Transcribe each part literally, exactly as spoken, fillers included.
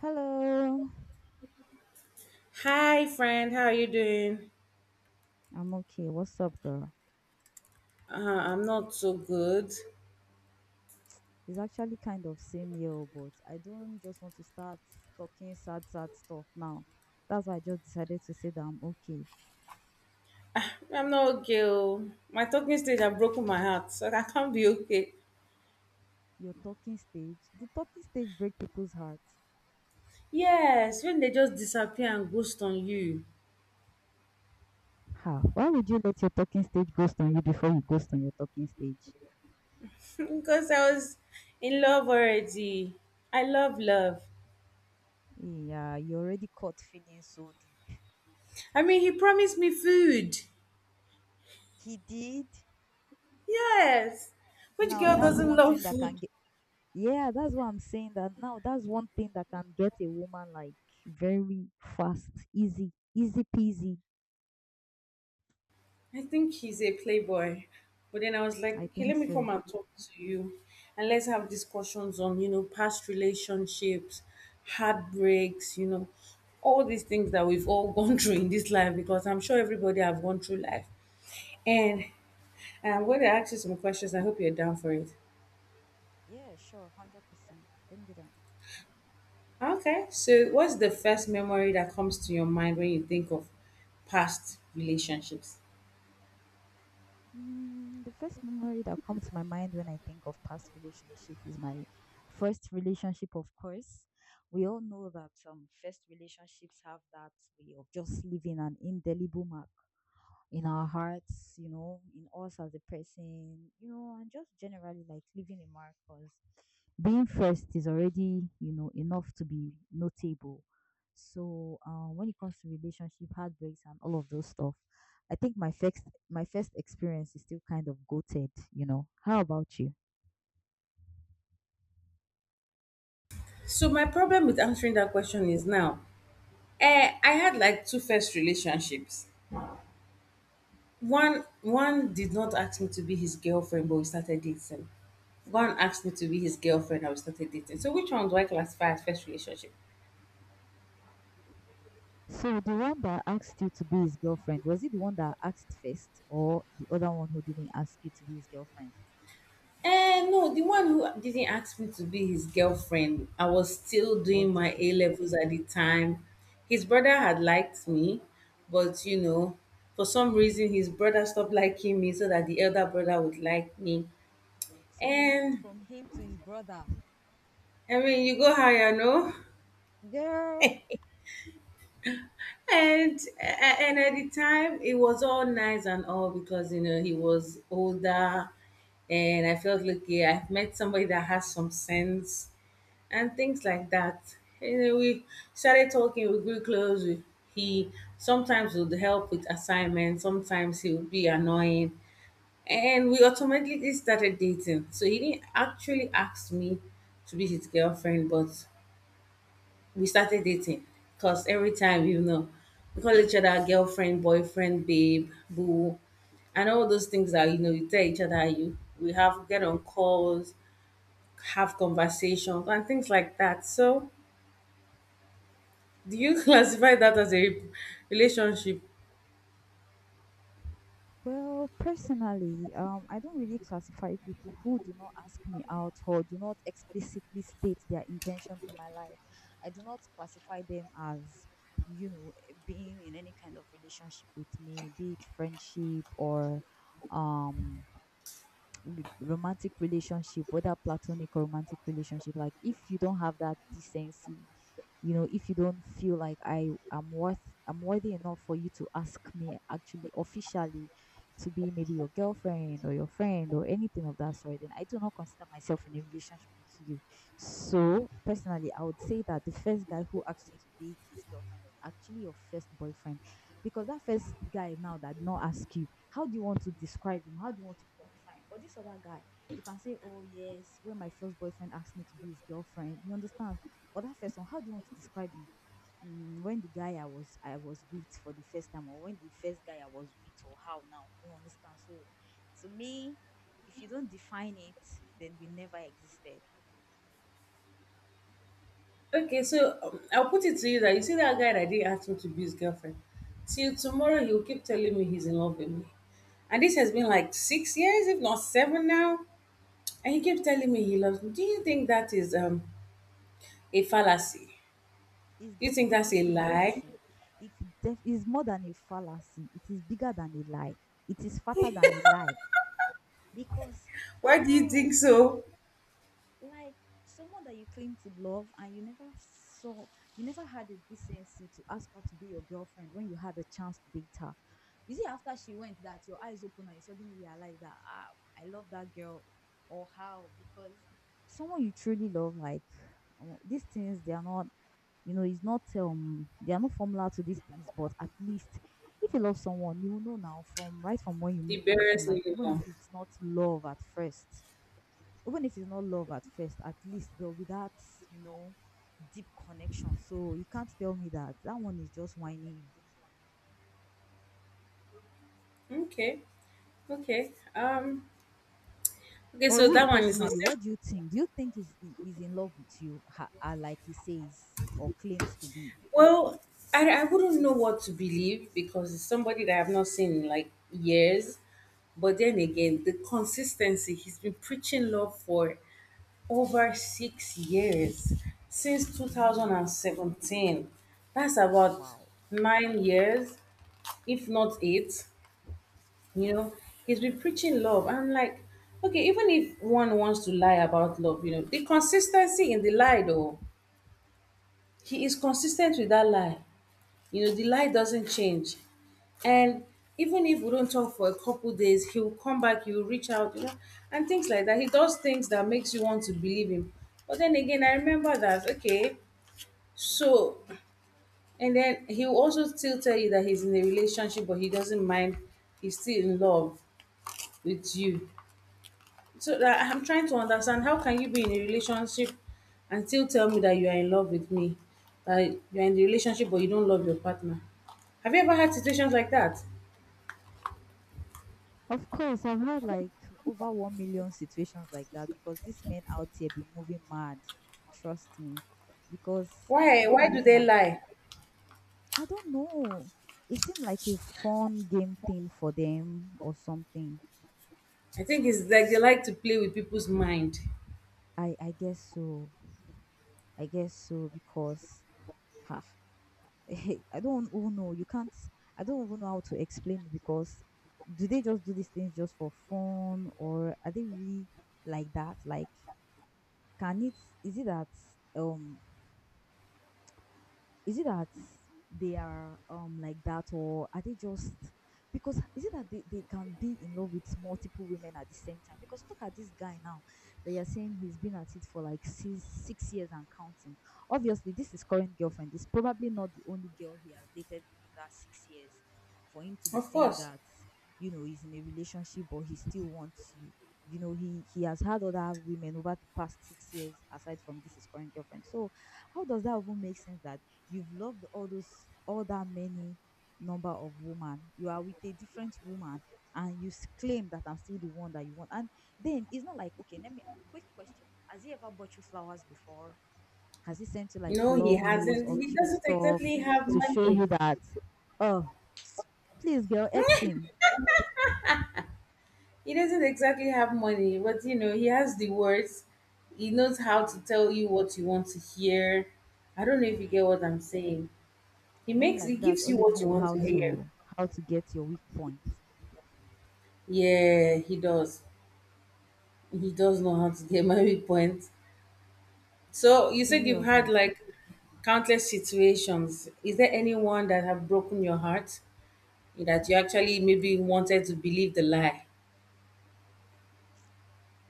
Hello, Hi, friend. How are you doing? I'm okay. What's up, girl? Uh, I'm not so good. It's actually kind of same year, but I don't just want to start talking sad, sad stuff now. That's why I just decided to say that I'm okay. I'm not okay. oh. My talking stage has broken my heart, so I can't be okay. Your talking stage, the talking stage break people's hearts. Yes, when they just disappear and ghost on you. How? Why would you let your talking stage ghost on you before you ghost on your talking stage? Because I was in love already. I love love. Yeah, you already caught feelings so deep. I mean, he promised me food. He did. Yes. Which Now girl that's doesn't one thing love that food? can Yeah, that's what I'm saying that now that's one thing that can get a woman like very fast, easy, easy peasy. I think he's a playboy. But then I was like, I okay, think let me come so. and talk to you and let's have discussions on, you know, past relationships, heartbreaks, you know, all these things that we've all gone through in this life, because I'm sure everybody have gone through life. And I'm going to ask you some questions. I hope you're down for it. Yeah, sure, one hundred percent. Bring it on. Okay. So, what's the first memory that comes to your mind when you think of past relationships? Mm, the first memory that comes to my mind when I think of past relationship is my first relationship, of course. We all know that um, first relationships have that way of just leaving an indelible mark in our hearts, you know, in us as a person, you know, and just generally like leaving a mark because being first is already, you know, enough to be notable. So uh, when it comes to relationship heartbreaks and all of those stuff, I think my first my first experience is still kind of goated. You know, how about you? So, my problem with answering that question is now, Eh, I had like two first relationships. One one did not ask me to be his girlfriend, but we started dating. One asked me to be his girlfriend, and we started dating. So which one do I classify as first relationship? So the one that asked you to be his girlfriend was it the one that asked first, or the other one who didn't ask you to be his girlfriend? Eh, no, the one who didn't ask me to be his girlfriend. I was still doing Was the my first? A levels at the time. His brother had liked me, but you know, for some reason his brother stopped liking me so that the elder brother would like me. So you moved And from him to his brother. I mean, you go higher, no? Girl. And and at the time, it was all nice and all because you know he was older, and I felt lucky. I've met somebody that has some sense and things like that. You know, we started talking. We grew close. We, he sometimes would help with assignments. Sometimes he would be annoying, and we automatically started dating. So he didn't actually ask me to be his girlfriend, but we started dating because every time, you know, we call each other girlfriend, boyfriend, babe, boo and all those things that you know you tell each other. You, we have, get on calls, have conversations and things like that. So do you classify that as a relationship? Well, personally, um, I don't really classify people who do not ask me out or do not explicitly state their intention in my life. I do not classify them as, you know, eh, being in any kind of relationship with me, be it friendship or um re- romantic relationship, whether platonic or romantic relationship, like if you don't have that decency, you know, if you don't feel like I am worth, I'm worthy enough for you to ask me actually officially to be maybe your girlfriend or your friend or anything of that sort, then I do not consider myself in a relationship with you. So personally, I would say that the first guy who asked you to be his girlfriend was actually your first boyfriend because that first guy now that did not ask you, how do you want to describe him? How do you want to qualify him? But this other guy, you can say, Oh, yes, when my first boyfriend asked me to be his girlfriend, you understand? But that first one, how do you want to describe him? Mm, when the guy I was I was with for the first time, or when the first guy I was with, or how now, you understand? So, to me, if you don't define it, then we never existed. Okay, so um, I'll put it to you that you see that guy that didn't ask me to be his girlfriend, till tomorrow he'll keep telling me he's in love with me, and this has been like six years, if not seven now. And he kept telling me he loves me. Do you think that is um, a fallacy? Is Do you think that's definitely a a lie? fallacy. It's def- is more than a fallacy. It is bigger than a lie. It is fatter than a lie. Because Why do you how think so? like someone that you claim to love and you never saw, you never had the decency to ask her to be your girlfriend when you had the chance to date her. You see, after she went, that your eyes open and you suddenly realize that ah, I love that girl, or how because someone you truly love, like um, these things, they are not, you know it's not, um they are not formula to these things but at least if you love someone you will know now from right from when you meet The the person barest like even if minimum. it's not love at first even if it's not love at first, at least there'll be that, you know, deep connection. So you can't tell me that that one is just whining you. Okay, okay. Um, okay, Or so you that one is not personally, safe. what do you think? Do you think he's, he- he's in love with you, ha, uh, like he says or claims to be? Well, I, I wouldn't know what to believe because it's somebody that I've not seen in like years. But then again, the consistency, he's been preaching love for over six years, since Damn. two thousand seventeen. That's about Wow. nine years. If not it, you know, he's been preaching love. I'm like, okay, even if one wants to lie about love, you know, the consistency in the lie though, he is consistent with that lie. You know, the lie doesn't change. And even if we don't talk for a couple days, he'll come back, he'll reach out, you know, and things like that. He does things that makes you want to believe him. But then again, I remember that, okay, so and then he'll also still tell you that he's in a relationship, but he doesn't mind, he's still in love with you. So that I'm trying to understand, how can you be in a relationship and still tell me that you are in love with me, that you're in the relationship but you don't love your partner. Have you ever had situations like that? Of course, I've had like over one million situations like that because these men out here be moving mad. Trust me. Because Why? how are Why you do in they a lie? I don't know. It seemed like a fun game thing for them or something. I think it's like they like to play with people's mind. I I guess so. I guess so because ha, I don't even know. You can't. I don't even know how to explain it because do they just do these things just for fun or are they really like that? Like, can it? Is it that um is it that they are um like that or are they just because is it that they, they can be in love with multiple women at the same time because look at this guy now they are saying he's been at it for like six, six years and counting. Obviously this is current girlfriend. It's probably not the only girl he has dated within that six years for him to be Of saying course. that, you know he's in a relationship but he still wants you, you know he he has had other women over the past six years aside from this is current girlfriend. So how does that even make sense that you've loved all those all that many number of women? You are with a different woman and you s- claim that I'm still the one that you want. And then it's not like, okay, let me quick question. Has he ever bought you flowers before? Has he sent you like No, he love notes hasn't. or He cute doesn't stuff exactly have to show money. you that? Oh, please girl, X him. He doesn't exactly have money, but you know, he has the words. He knows how to Hmm. tell you what you want to hear. I don't know if you get Hmm. what I'm saying. He Men makes he like that gives you always what you know want how to hear. to how to get your weak point. Yeah, he does. He does know how to get my weak point. So you said Pretty you've had obvious. like countless situations. Is there anyone that have broken your heart that you actually maybe wanted to believe the lie?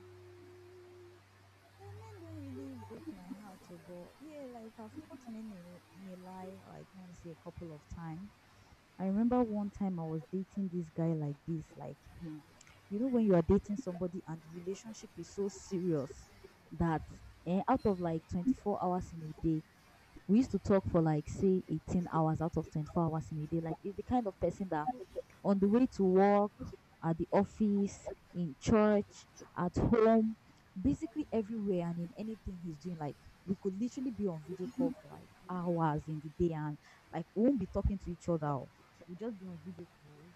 Mm, well, men don't really break my heart, oh, but yeah, like I've caught men in, in a lie, like let me say a couple of times. I remember one time I was dating this guy like this, like, hmm, you know, when you are dating somebody and the relationship is so serious that eh, out of like twenty-four hours in a day, we used to talk for like, say, eighteen hours out of twenty-four hours in a day. Like, it's the kind of person that on the way to work, at the office, in church, at home, basically everywhere and in anything he's doing. Like we could literally be on video call for like hours in the day and like we won't be talking to each other. Oh. We'll just be on video calls.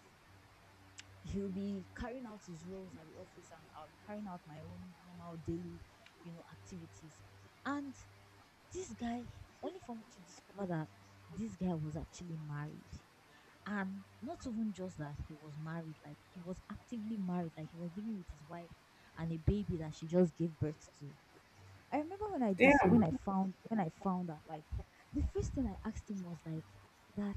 He'll be carrying out his roles at the office and I'll be carrying out my own normal daily, you know, activities. And this guy, only for me to discover that this guy was actually married, and not even just that he was married, like he was actively married, like he was living with his wife and a baby that she just gave birth to. I remember when i dis when Damn. i found when i found out, like the first thing I asked him was like that,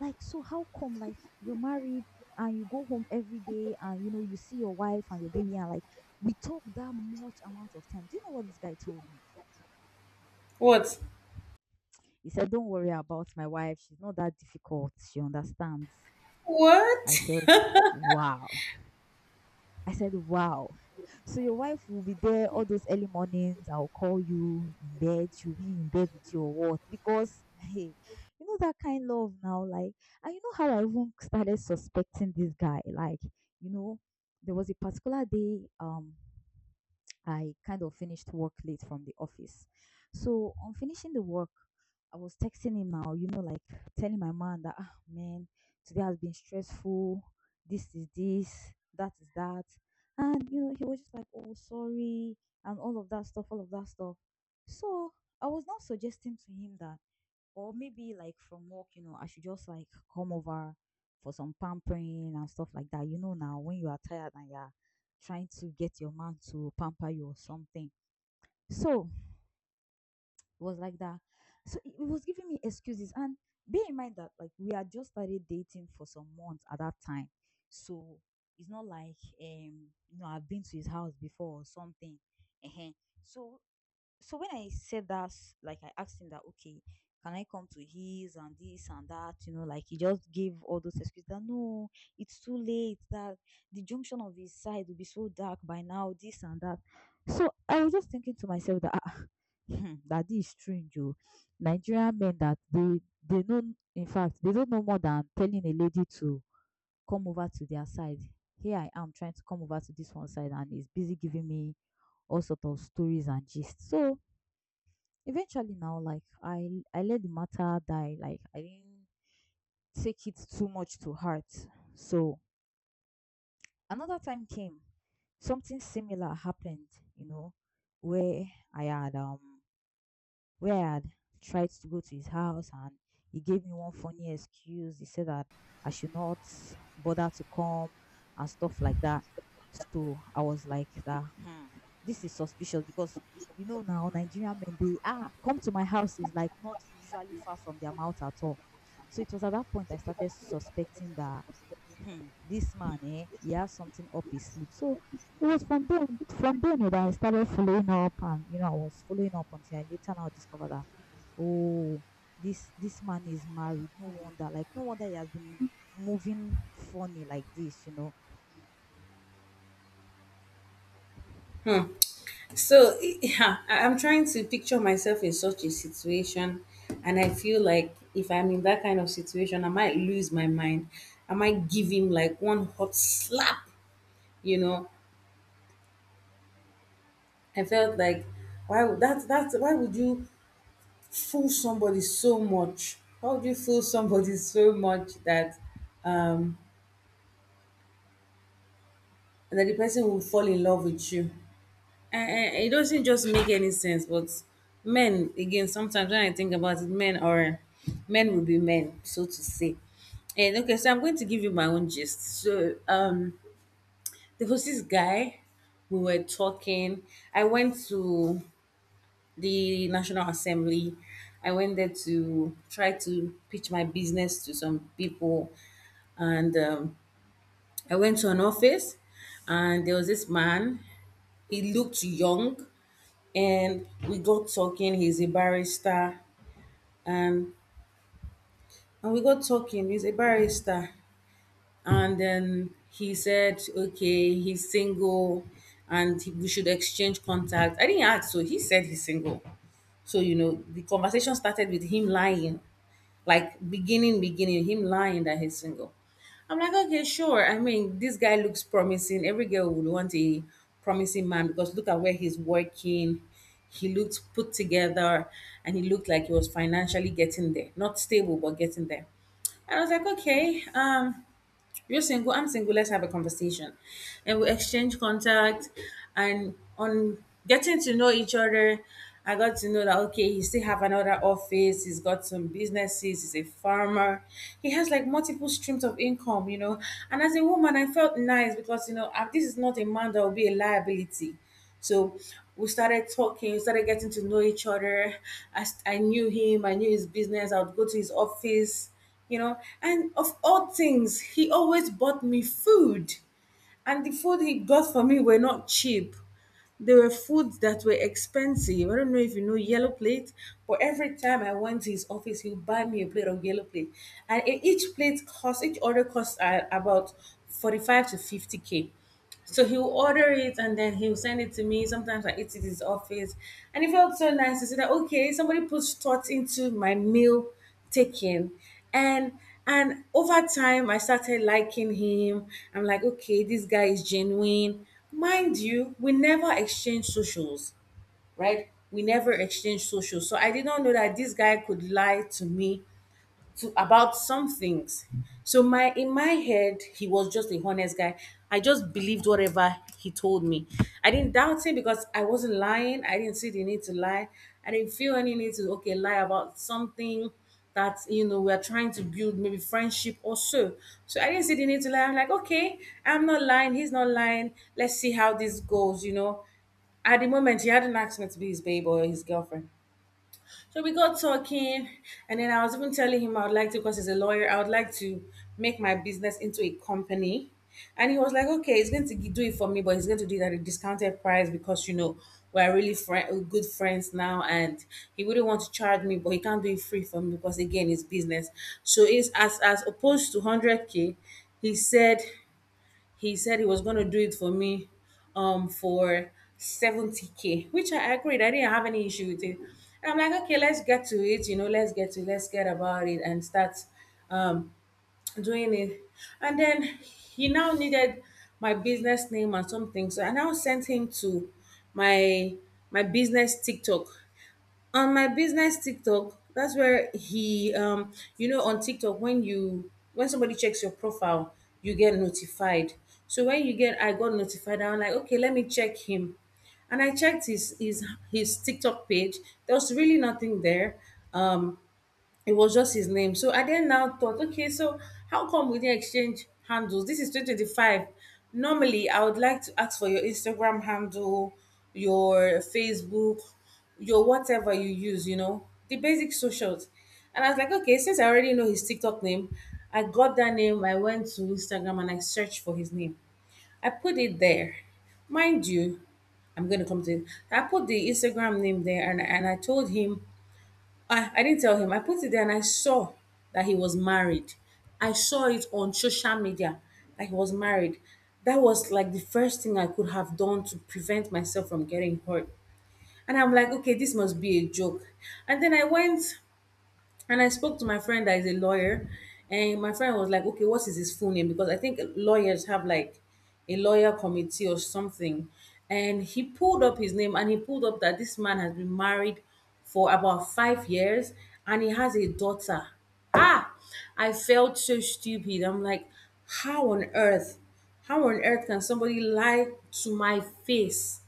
like, so how come like you're married and you go home every day and you know you see your wife and your baby and like we talk that much amount of time? Do you know what this guy told me? What? He said, don't worry about my wife, she's not that difficult, she understands. i What? said wow I said, wow. So your wife will be there all those early mornings. I'll call you in bed. She'll be in bed with your or what? Because hey, you know that kind love now. Like, and you know how I even started suspecting this guy. Like, you know, there was a particular day. Um, I kind of finished work late from the office. So on finishing the work, I was texting him now, you know, like telling my man that, ah, man, today has been stressful. This is this, that is that. And, you know, he was just like, oh, sorry, and all of that stuff, all of that stuff. So I was now suggesting to him that or maybe like from work, you know, I should just like come over for some pampering and stuff like that. You know, now when you are tired and you're trying to get your man to pamper you or something. So it was like that. So it it was giving me excuses. And bear in mind that like we had just started dating for some months at that time. So it's not like um you know I've been to his house before or something. Ehen. So so when I said that, like I asked him that, okay, can I come to his and this and that? You know, like he just gave all those excuses that no, it's too late, that the junction of his side will be so dark by now, this and that. So I was just thinking to myself that ah, hmm, that this is strange. Oh. Nigerian men that they they know, in fact they don't know more than telling a lady to come over to their side. Here I am trying to come over to this one side and he's busy giving me all sort of stories and gist. So Eventually now, like I I let the matter die. Like I didn't take it too much to heart. So another time came, something similar happened, you know, where I had um where I had tried to go to his house and he gave me one funny excuse. He said that I should not bother to come and stuff like that. So I was like that, hmm, this is suspicious because you know now Nigerian men they ah come to my house is like not usually far from their mouth at all. So it was at that point I started suspecting that hmm, this man, eh, he has something up his sleeve. So it was from then from then oh, that I started following up and you know, I was following up until I later now discovered that oh, this this man is married. No wonder, like no wonder he has been moving funny like this, you know. Hmm. So yeah, I- I'm trying to picture myself in such a situation, and I feel like if I'm in that kind of situation, I might lose my mind. I might give him like one hot slap, you know. I felt like, why would that that's why would you fool somebody so much? Why would you fool somebody so much that um that the person will fall in love with you? And it doesn't just make any sense, but men, again, sometimes when I think about it, men are, men will be men, so to say. And okay, so I'm going to give you my own gist. So um there was this guy. We were talking, I went to the National Assembly. I went there to try to pitch my business to some people, and um, I went to an office, and there was this man. He looked young, and we got talking. He's a barrister, and and we got talking. He's a barrister, and then he said, "Okay, he's single." And he- we should exchange contact. I didn't ask, so he said he's single. So, you know, the conversation started with him lying. Like beginning, beginning, him lying that he's single. I'm like, okay, sure. I mean, this guy looks promising. Every girl would want a promising man, because look at where he's working. He looked put together and he looked like he was financially getting there. Not stable, but getting there. And I was like, okay. Um, you're single, I'm single, let's have a conversation. And we exchange contact, and on getting to know each other, I got to know that okay, he still have another office, he's got some businesses, he's a farmer. He has like multiple streams of income, you know. And as a woman, I felt nice because you know, I- this is not a man that will be a liability. So we started talking, we started getting to know each other. I, s- I knew him, I knew his business. I would go to his office, you know. And of all things, he always bought me food. And the food he got for me were not cheap. They were foods that were expensive. I don't know if you know yellow plate, but every time I went to his office, he would buy me a plate of yellow plate. And e- each plate cost, each order costs uh, about forty-five to fifty k. So he'll order it and then he'll send it to me. Sometimes I eat it in his office. And it felt so nice to see that okay, somebody puts thought into my meal taking. And and over time I started liking him. I'm like, okay, this guy is genuine. Mind you, we never exchange socials, right? We never exchange socials. So I did not know that this guy could lie to me to about some things. So my in my head, he was just a honest guy. I just believed whatever he told me. I didn't doubt him because I wasn't lying. I didn't see the need to lie. I didn't feel any need to okay lie about something that you know we're trying to build maybe friendship or so. So I didn't see the need to lie. I'm like, okay, I'm not lying, he's not lying. Let's see how this goes, you know. At the moment he hadn't asked me to be his babe or his girlfriend. So we got talking, and then I was even telling him I would like to, because he's a lawyer, I would like to make my business into a company. And he was like, okay, he's going to gi- do it for me, but he's going to do it at a discounted price because, you know, we're really fri good friends now. And he wouldn't want to charge me, but he can't do it free for me because, again, it's business. So it's as, as opposed to one hundred k, he said he said he was going to do it for me um for seventy k, which I agreed, I didn't have any issue with it. And I'm like, okay, let's get to it, you know, let's get to let's get about it and start um doing it. And then he now needed my business name and something, so I now sent him to my my business TikTok. On my business TikTok, that's where he, um, you know, on TikTok when you when somebody checks your profile, you get notified. So when you get, I got notified. I'm like, okay, let me check him, and I checked his his his TikTok page. There was really nothing there. Um, it was just his name. So I then now thought, okay, so how come we didn't exchange handles? This is twenty twenty-five. Normally, I would like to ask for your Instagram handle, your Facebook, your whatever you use, you know, the basic socials. And I was like, okay, since I already know his TikTok name, I got that name. I went to Instagram and I searched for his name. I put it there. Mind you, I'm going to come to it. I put the Instagram name there and, and I told him I, I didn't tell him. I put it there and I saw that he was married. I saw it on social media that he was married. That was like the first thing I could have done to prevent myself from getting hurt. And I'm like, okay, this must be a joke. And then I went and I spoke to my friend that is a lawyer, and my friend was like, okay, what is his full name? Because I think lawyers have like a lawyer committee or something. And he pulled up his name and he pulled up that this man has been married for about five years and he has a daughter. Ah, I felt so stupid. I'm like, how on earth? How on earth can somebody lie to my face?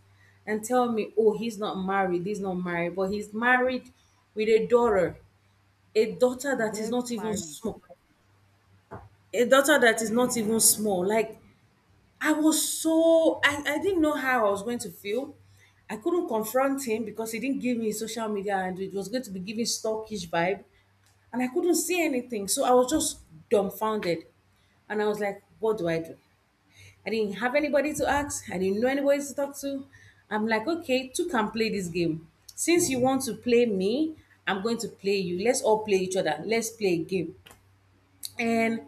And tell me, oh, he's not married, he's not married, but he's married with a daughter, a daughter that is Very not even married. small, a daughter that is not even small, like i was so i, I didn't know how I was going to feel. I couldn't confront him because he didn't give me his social media and it was going to be giving stalkish vibe, and I couldn't say anything, so I was just dumbfounded. And I was like, what do I do? I didn't have anybody to ask, I didn't know anybody to talk to. I'm like, okay, two can play this game. Since you want to play me, I'm going to play you. Let's all play each other, let's play a game. And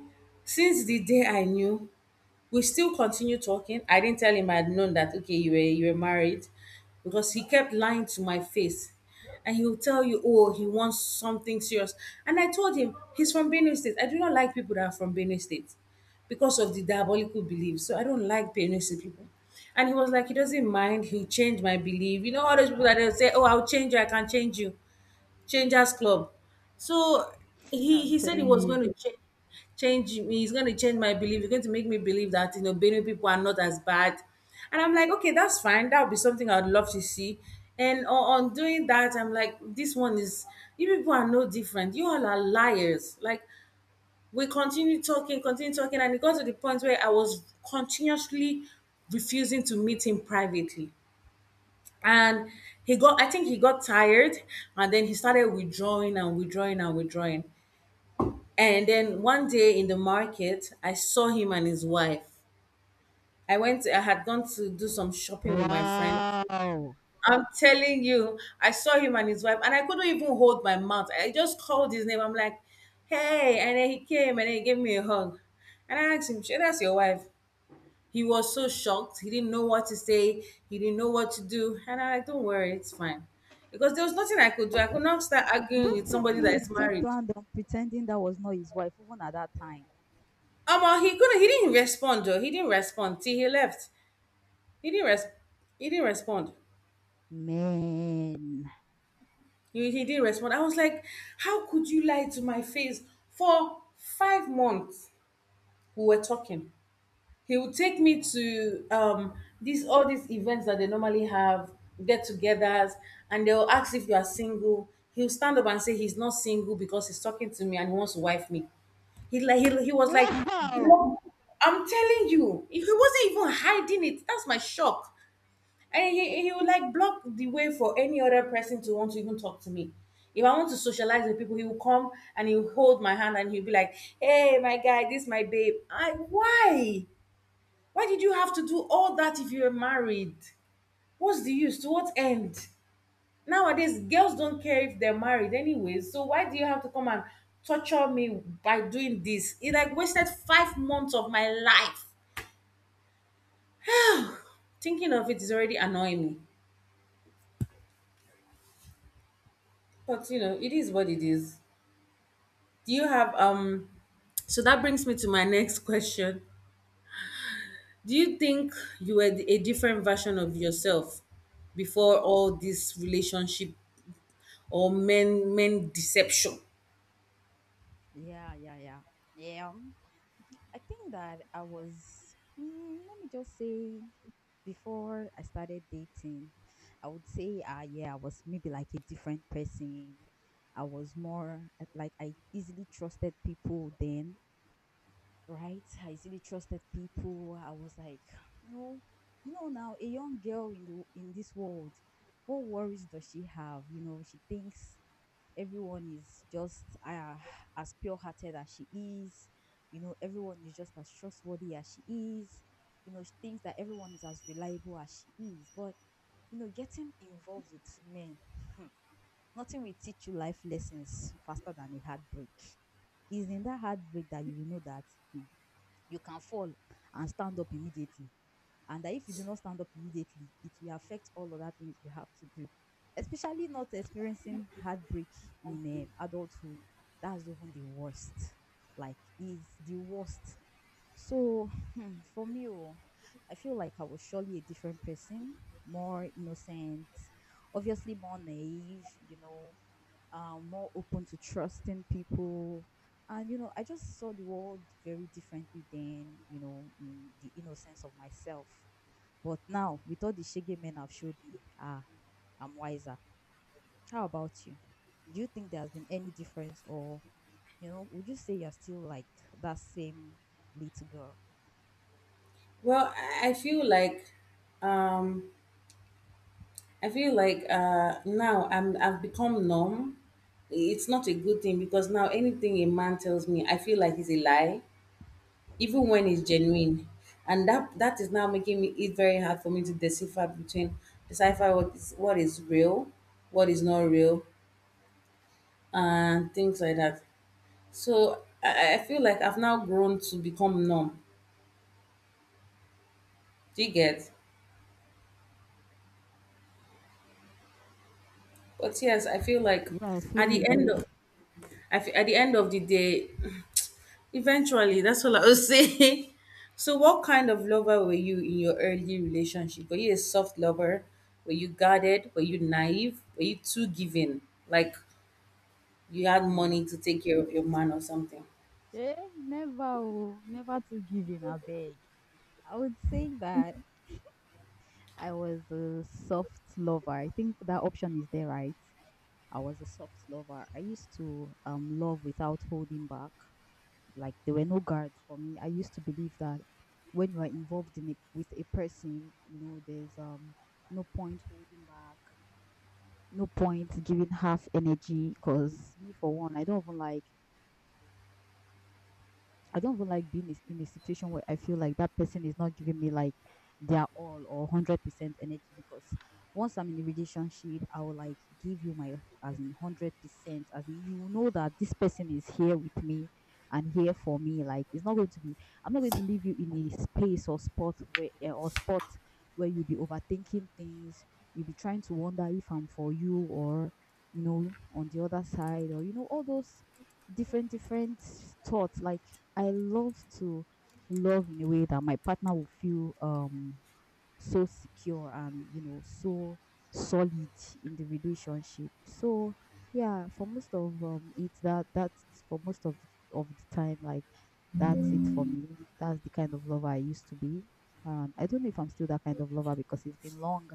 since the day I knew, we still continue talking. I didn't tell him I'd known that okay, you were you were married, because he kept lying to my face. And he'll tell you, oh, he wants something serious. And I told him, he's from Benue State. I do not like people that are from Benue State because of the diabolical beliefs. So I don't like Benue State people. And he was like, he doesn't mind. He'll change my belief. You know, all those people that they'll say, oh, I'll change you. I can change you. Changers Club. So he I'm he said he telling was going you. to change change me. He's going to change my belief. He's going to make me believe that you know Benue people are not as bad. And I'm like, okay, that's fine. That would be something I'd love to see. And on, on doing that, I'm like, this one is, you people are no different. You all are liars. Like we continue talking, continue talking, and it got to the point where I was continuously refusing to meet him privately, and he got, I think he got tired, and then he started withdrawing and withdrawing and withdrawing. And then one day in the market I saw him and his wife. I went, I had gone to do some shopping with my friends. Wow. I'm telling you, I saw him and his wife and I couldn't even hold my mouth, I just called his name. I'm like, hey, and then he came and then he gave me a hug, and I asked him, "Shey, that's your wife?" He was so shocked. He didn't know what to say. He didn't know what to do. And I, like, don't worry, it's fine. Because there was nothing I could do. I could not start arguing Don't with tell somebody me that he is still married. planned on pretending that was not his wife, even at that time. Um, he couldn't. He didn't respond. Though he didn't respond till he left. He didn't res. He didn't respond. Man. He, he didn't respond. I was like, how could you lie to my face for five months? We were talking. He would take me Wow. to um these, all these events that they normally have, get-togethers, and they'll ask if you are single, he'll stand up and say he's not single because he's talking to me and he wants to wife me. He like he, he was like Wow. block-. I'm telling you, he wasn't even hiding it, that's my shock. And he, he would like block the way for any other person to want to even talk to me. If I want to socialize with people, he will come and he'll hold my hand and he'll be like, hey my guy, this is my babe. I, why why did you have to do all that if you were married? What's the use? To what end? Nowadays, girls don't care if they're married anyway. So why do you have to come and torture me by doing this? It like wasted five months of my life. Thinking of it is already annoying me. But you know, it is what it is. Do you have um so that brings me to my next question. Do you think you were a different version of yourself before all this relationship or men men deception? Yeah, yeah, yeah. Yeah. um, I think that I was, mm, let me just say, before I started dating, I would say, uh, yeah, I was maybe like a different person. I was more uh, like I easily trusted people then, right? I easily trusted people. I was like, no, you know, now a young girl in the in this world, what worries does she have? You know, she thinks everyone is just uh, as pure hearted as she is. You know, everyone is just as trustworthy as she is. You know, she thinks that everyone is as reliable as she is. But, you know, getting involved with men, nothing will teach you life lessons faster than a heartbreak. It's in that heartbreak that you will know that hmm, you can fall and stand up immediately and that if you do not stand up immediately, it will affect all other things you have to do. Especially not experiencing heartbreak in um, adulthood. That's even the worst. Like, is the worst. So, hmm, for me, oh, I feel like I was surely a different person, more innocent, obviously more naive, you know, uh, more open to trusting people. And, you know, I just saw the world very differently than, you know, in the innocence of myself. But now, with all the shege men have showed me, ah, I'm wiser. How about you? Do you think there has been any difference, or you know, would you say you're still like that same little girl? Well, I I feel like, um, I feel like, uh, now I'm I've become numb. It's not a good thing because now anything a man tells me, I feel like it's a lie, even when it's genuine, and that that is now making me it very hard for me to decipher between, decipher what is, what is real, what is not real, and things like that. So I, I I feel like I've now grown to become numb. Do you get? But yes, I feel like Yeah, I at feel the you. end of I feel at the end of the day, eventually, that's all I will say. So, what kind of lover were you in your early relationship? Were you a soft lover? Were you guarded? Were you naive? Were you too giving? Like you had Hmm. money to take care of your man or something? Eh, never, oh, never to give in, I beg. I would say that I was a soft lover. I think that option is there, right? I was a soft lover. I used to um love without holding back. Like there were no guards for me. I used to believe that when you are involved in a, with a person, you know, there's um no point holding back, no point giving half energy. Cause me for one, I don't even like I don't even like being is- in a situation where I feel like that person is not giving me like their all or hundred percent energy because once I'm in a relationship, I will like give you my as in hundred percent, as in you know that this person is here with me and here for me. Like it's not going to be, I'm not going to leave you in a space or spot where eh, or spot where you'll be overthinking things. You'll be trying to wonder if I'm for you or you know on the other side or you know all those different different thoughts like I love to love in a way that my partner will feel um so secure and you know so solid in the relationship. So yeah, for most of um it that that's for most of of the time like that's it for me. That's the kind of lover I used to be. And I don't know if I'm still that kind of lover because it's been long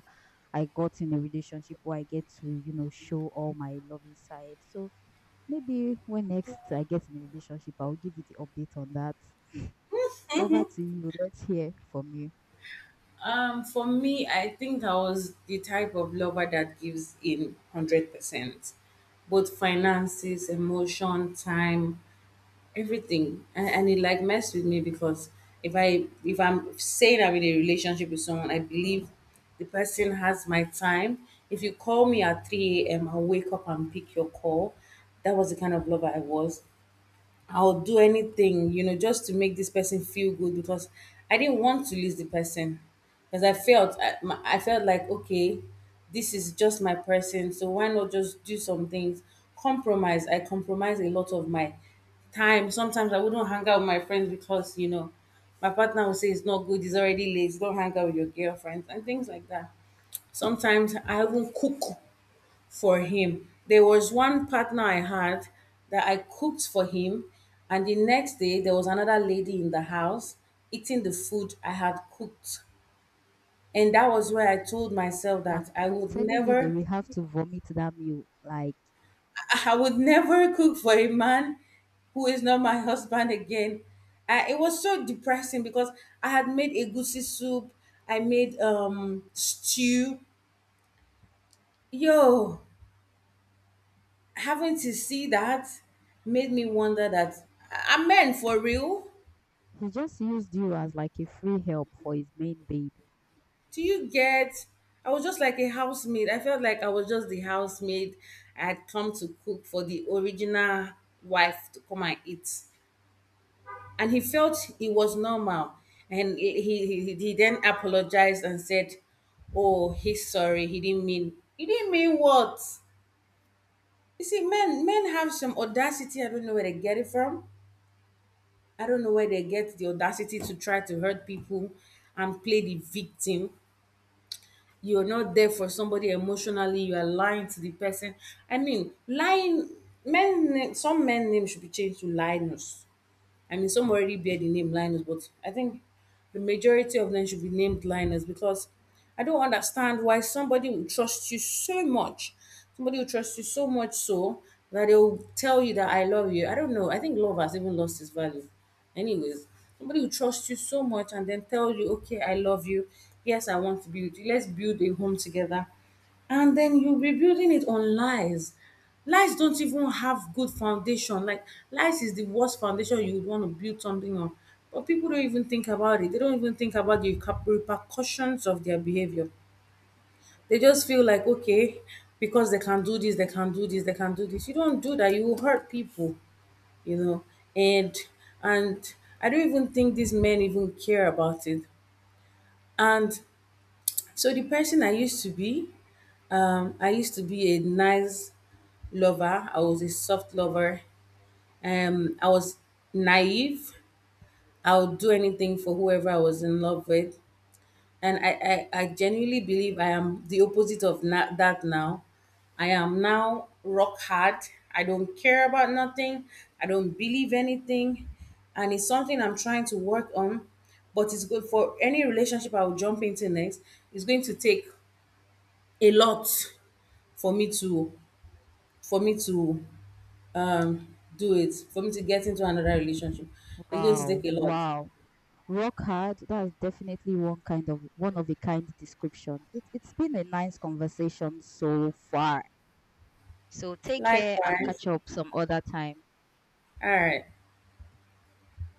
I got in a relationship where I get to, you know, show all my loving side. So maybe when next I get in a relationship, I'll give you the update on that. Over to you. Let's hear from you. Um, for me, I think I was the type of lover that gives in hundred percent, both finances, emotion, time. Everything, and, and it like messed with me because if i if I'm saying I'm in a relationship with someone, I believe the person has my time. If you call me at three a.m., I'll wake up and pick your call. That was the kind of lover I was. I'll do anything, you know, just to make this person feel good because I didn't want to lose the person. Because I felt, I, my- I felt like, okay, this is just my person, so why not just do some things? Compromise. I compromise a lot of my time. Sometimes I wouldn't hang out with my friends because, you know, my partner would say it's not good, it's already late, don't hang out with your girlfriends and things like that. Sometimes I won't cook for him. There was one partner I had that I cooked for him, and the next day there was another lady in the house eating the food I had cooked. And that was where I told myself that I'm I I'm would telling you that never, we have to vomit that meal. Like I I would never cook for a man who is not my husband again. I, it was so depressing because I had made a goosey soup, I made um stew. Yo, having to see that made me wonder that, are men for real? he just used you as like a free help for his main baby. Do you get? I was just like a housemaid. I felt like I was just the housemaid. I had come to cook for the original wife to come and eat. And he felt it was normal. And he, he he then apologized and said, oh, he's sorry. He didn't mean, he didn't mean what? You see, men, men have some audacity. I don't know where they get it from. I don't know where they get the audacity to try to hurt people and play the victim. You're not there for somebody emotionally. You are lying to the person. I mean, lying men. Some men name should be changed to Linus. I mean, some already bear the name Linus, but I think the majority of them should be named Linus because I don't understand why somebody will trust you so much. Somebody will trust you so much so that they will tell you that I love you. I don't know. I think love has even lost its value. Anyways, somebody will trust you so much and then tell you, okay, I love you. Yes, I want to be with you. Let's build a home together, and then you are rebuilding it on lies. Lies don't even have good foundation. Like lies is the worst foundation you would want to build something on. But people don't even think about it. They don't even think about the cap- repercussions of their behavior. They just feel like okay, because they can do this, they can do this, they can do this. You don't do that. You will hurt people. You know, and and I don't even think these men even care about it. And so the person I used to be, um, I used to be a nice lover. I was a soft lover. Um, I was naive. I would do anything for whoever I was in love with. And I, I, I genuinely believe I am the opposite of na- that now. I am now rock hard. I don't care about nothing. I don't believe anything. And it's something I'm trying to work on. But it's good for any relationship I will jump into next. It's going to take a lot for me to for me to um do it for me to get into another relationship. It's going to take Wow, a lot. wow. Rock hard. That's definitely one kind of one of a kind description. It it's been a nice conversation so far. So take care and Likewise. catch up some other time. All right.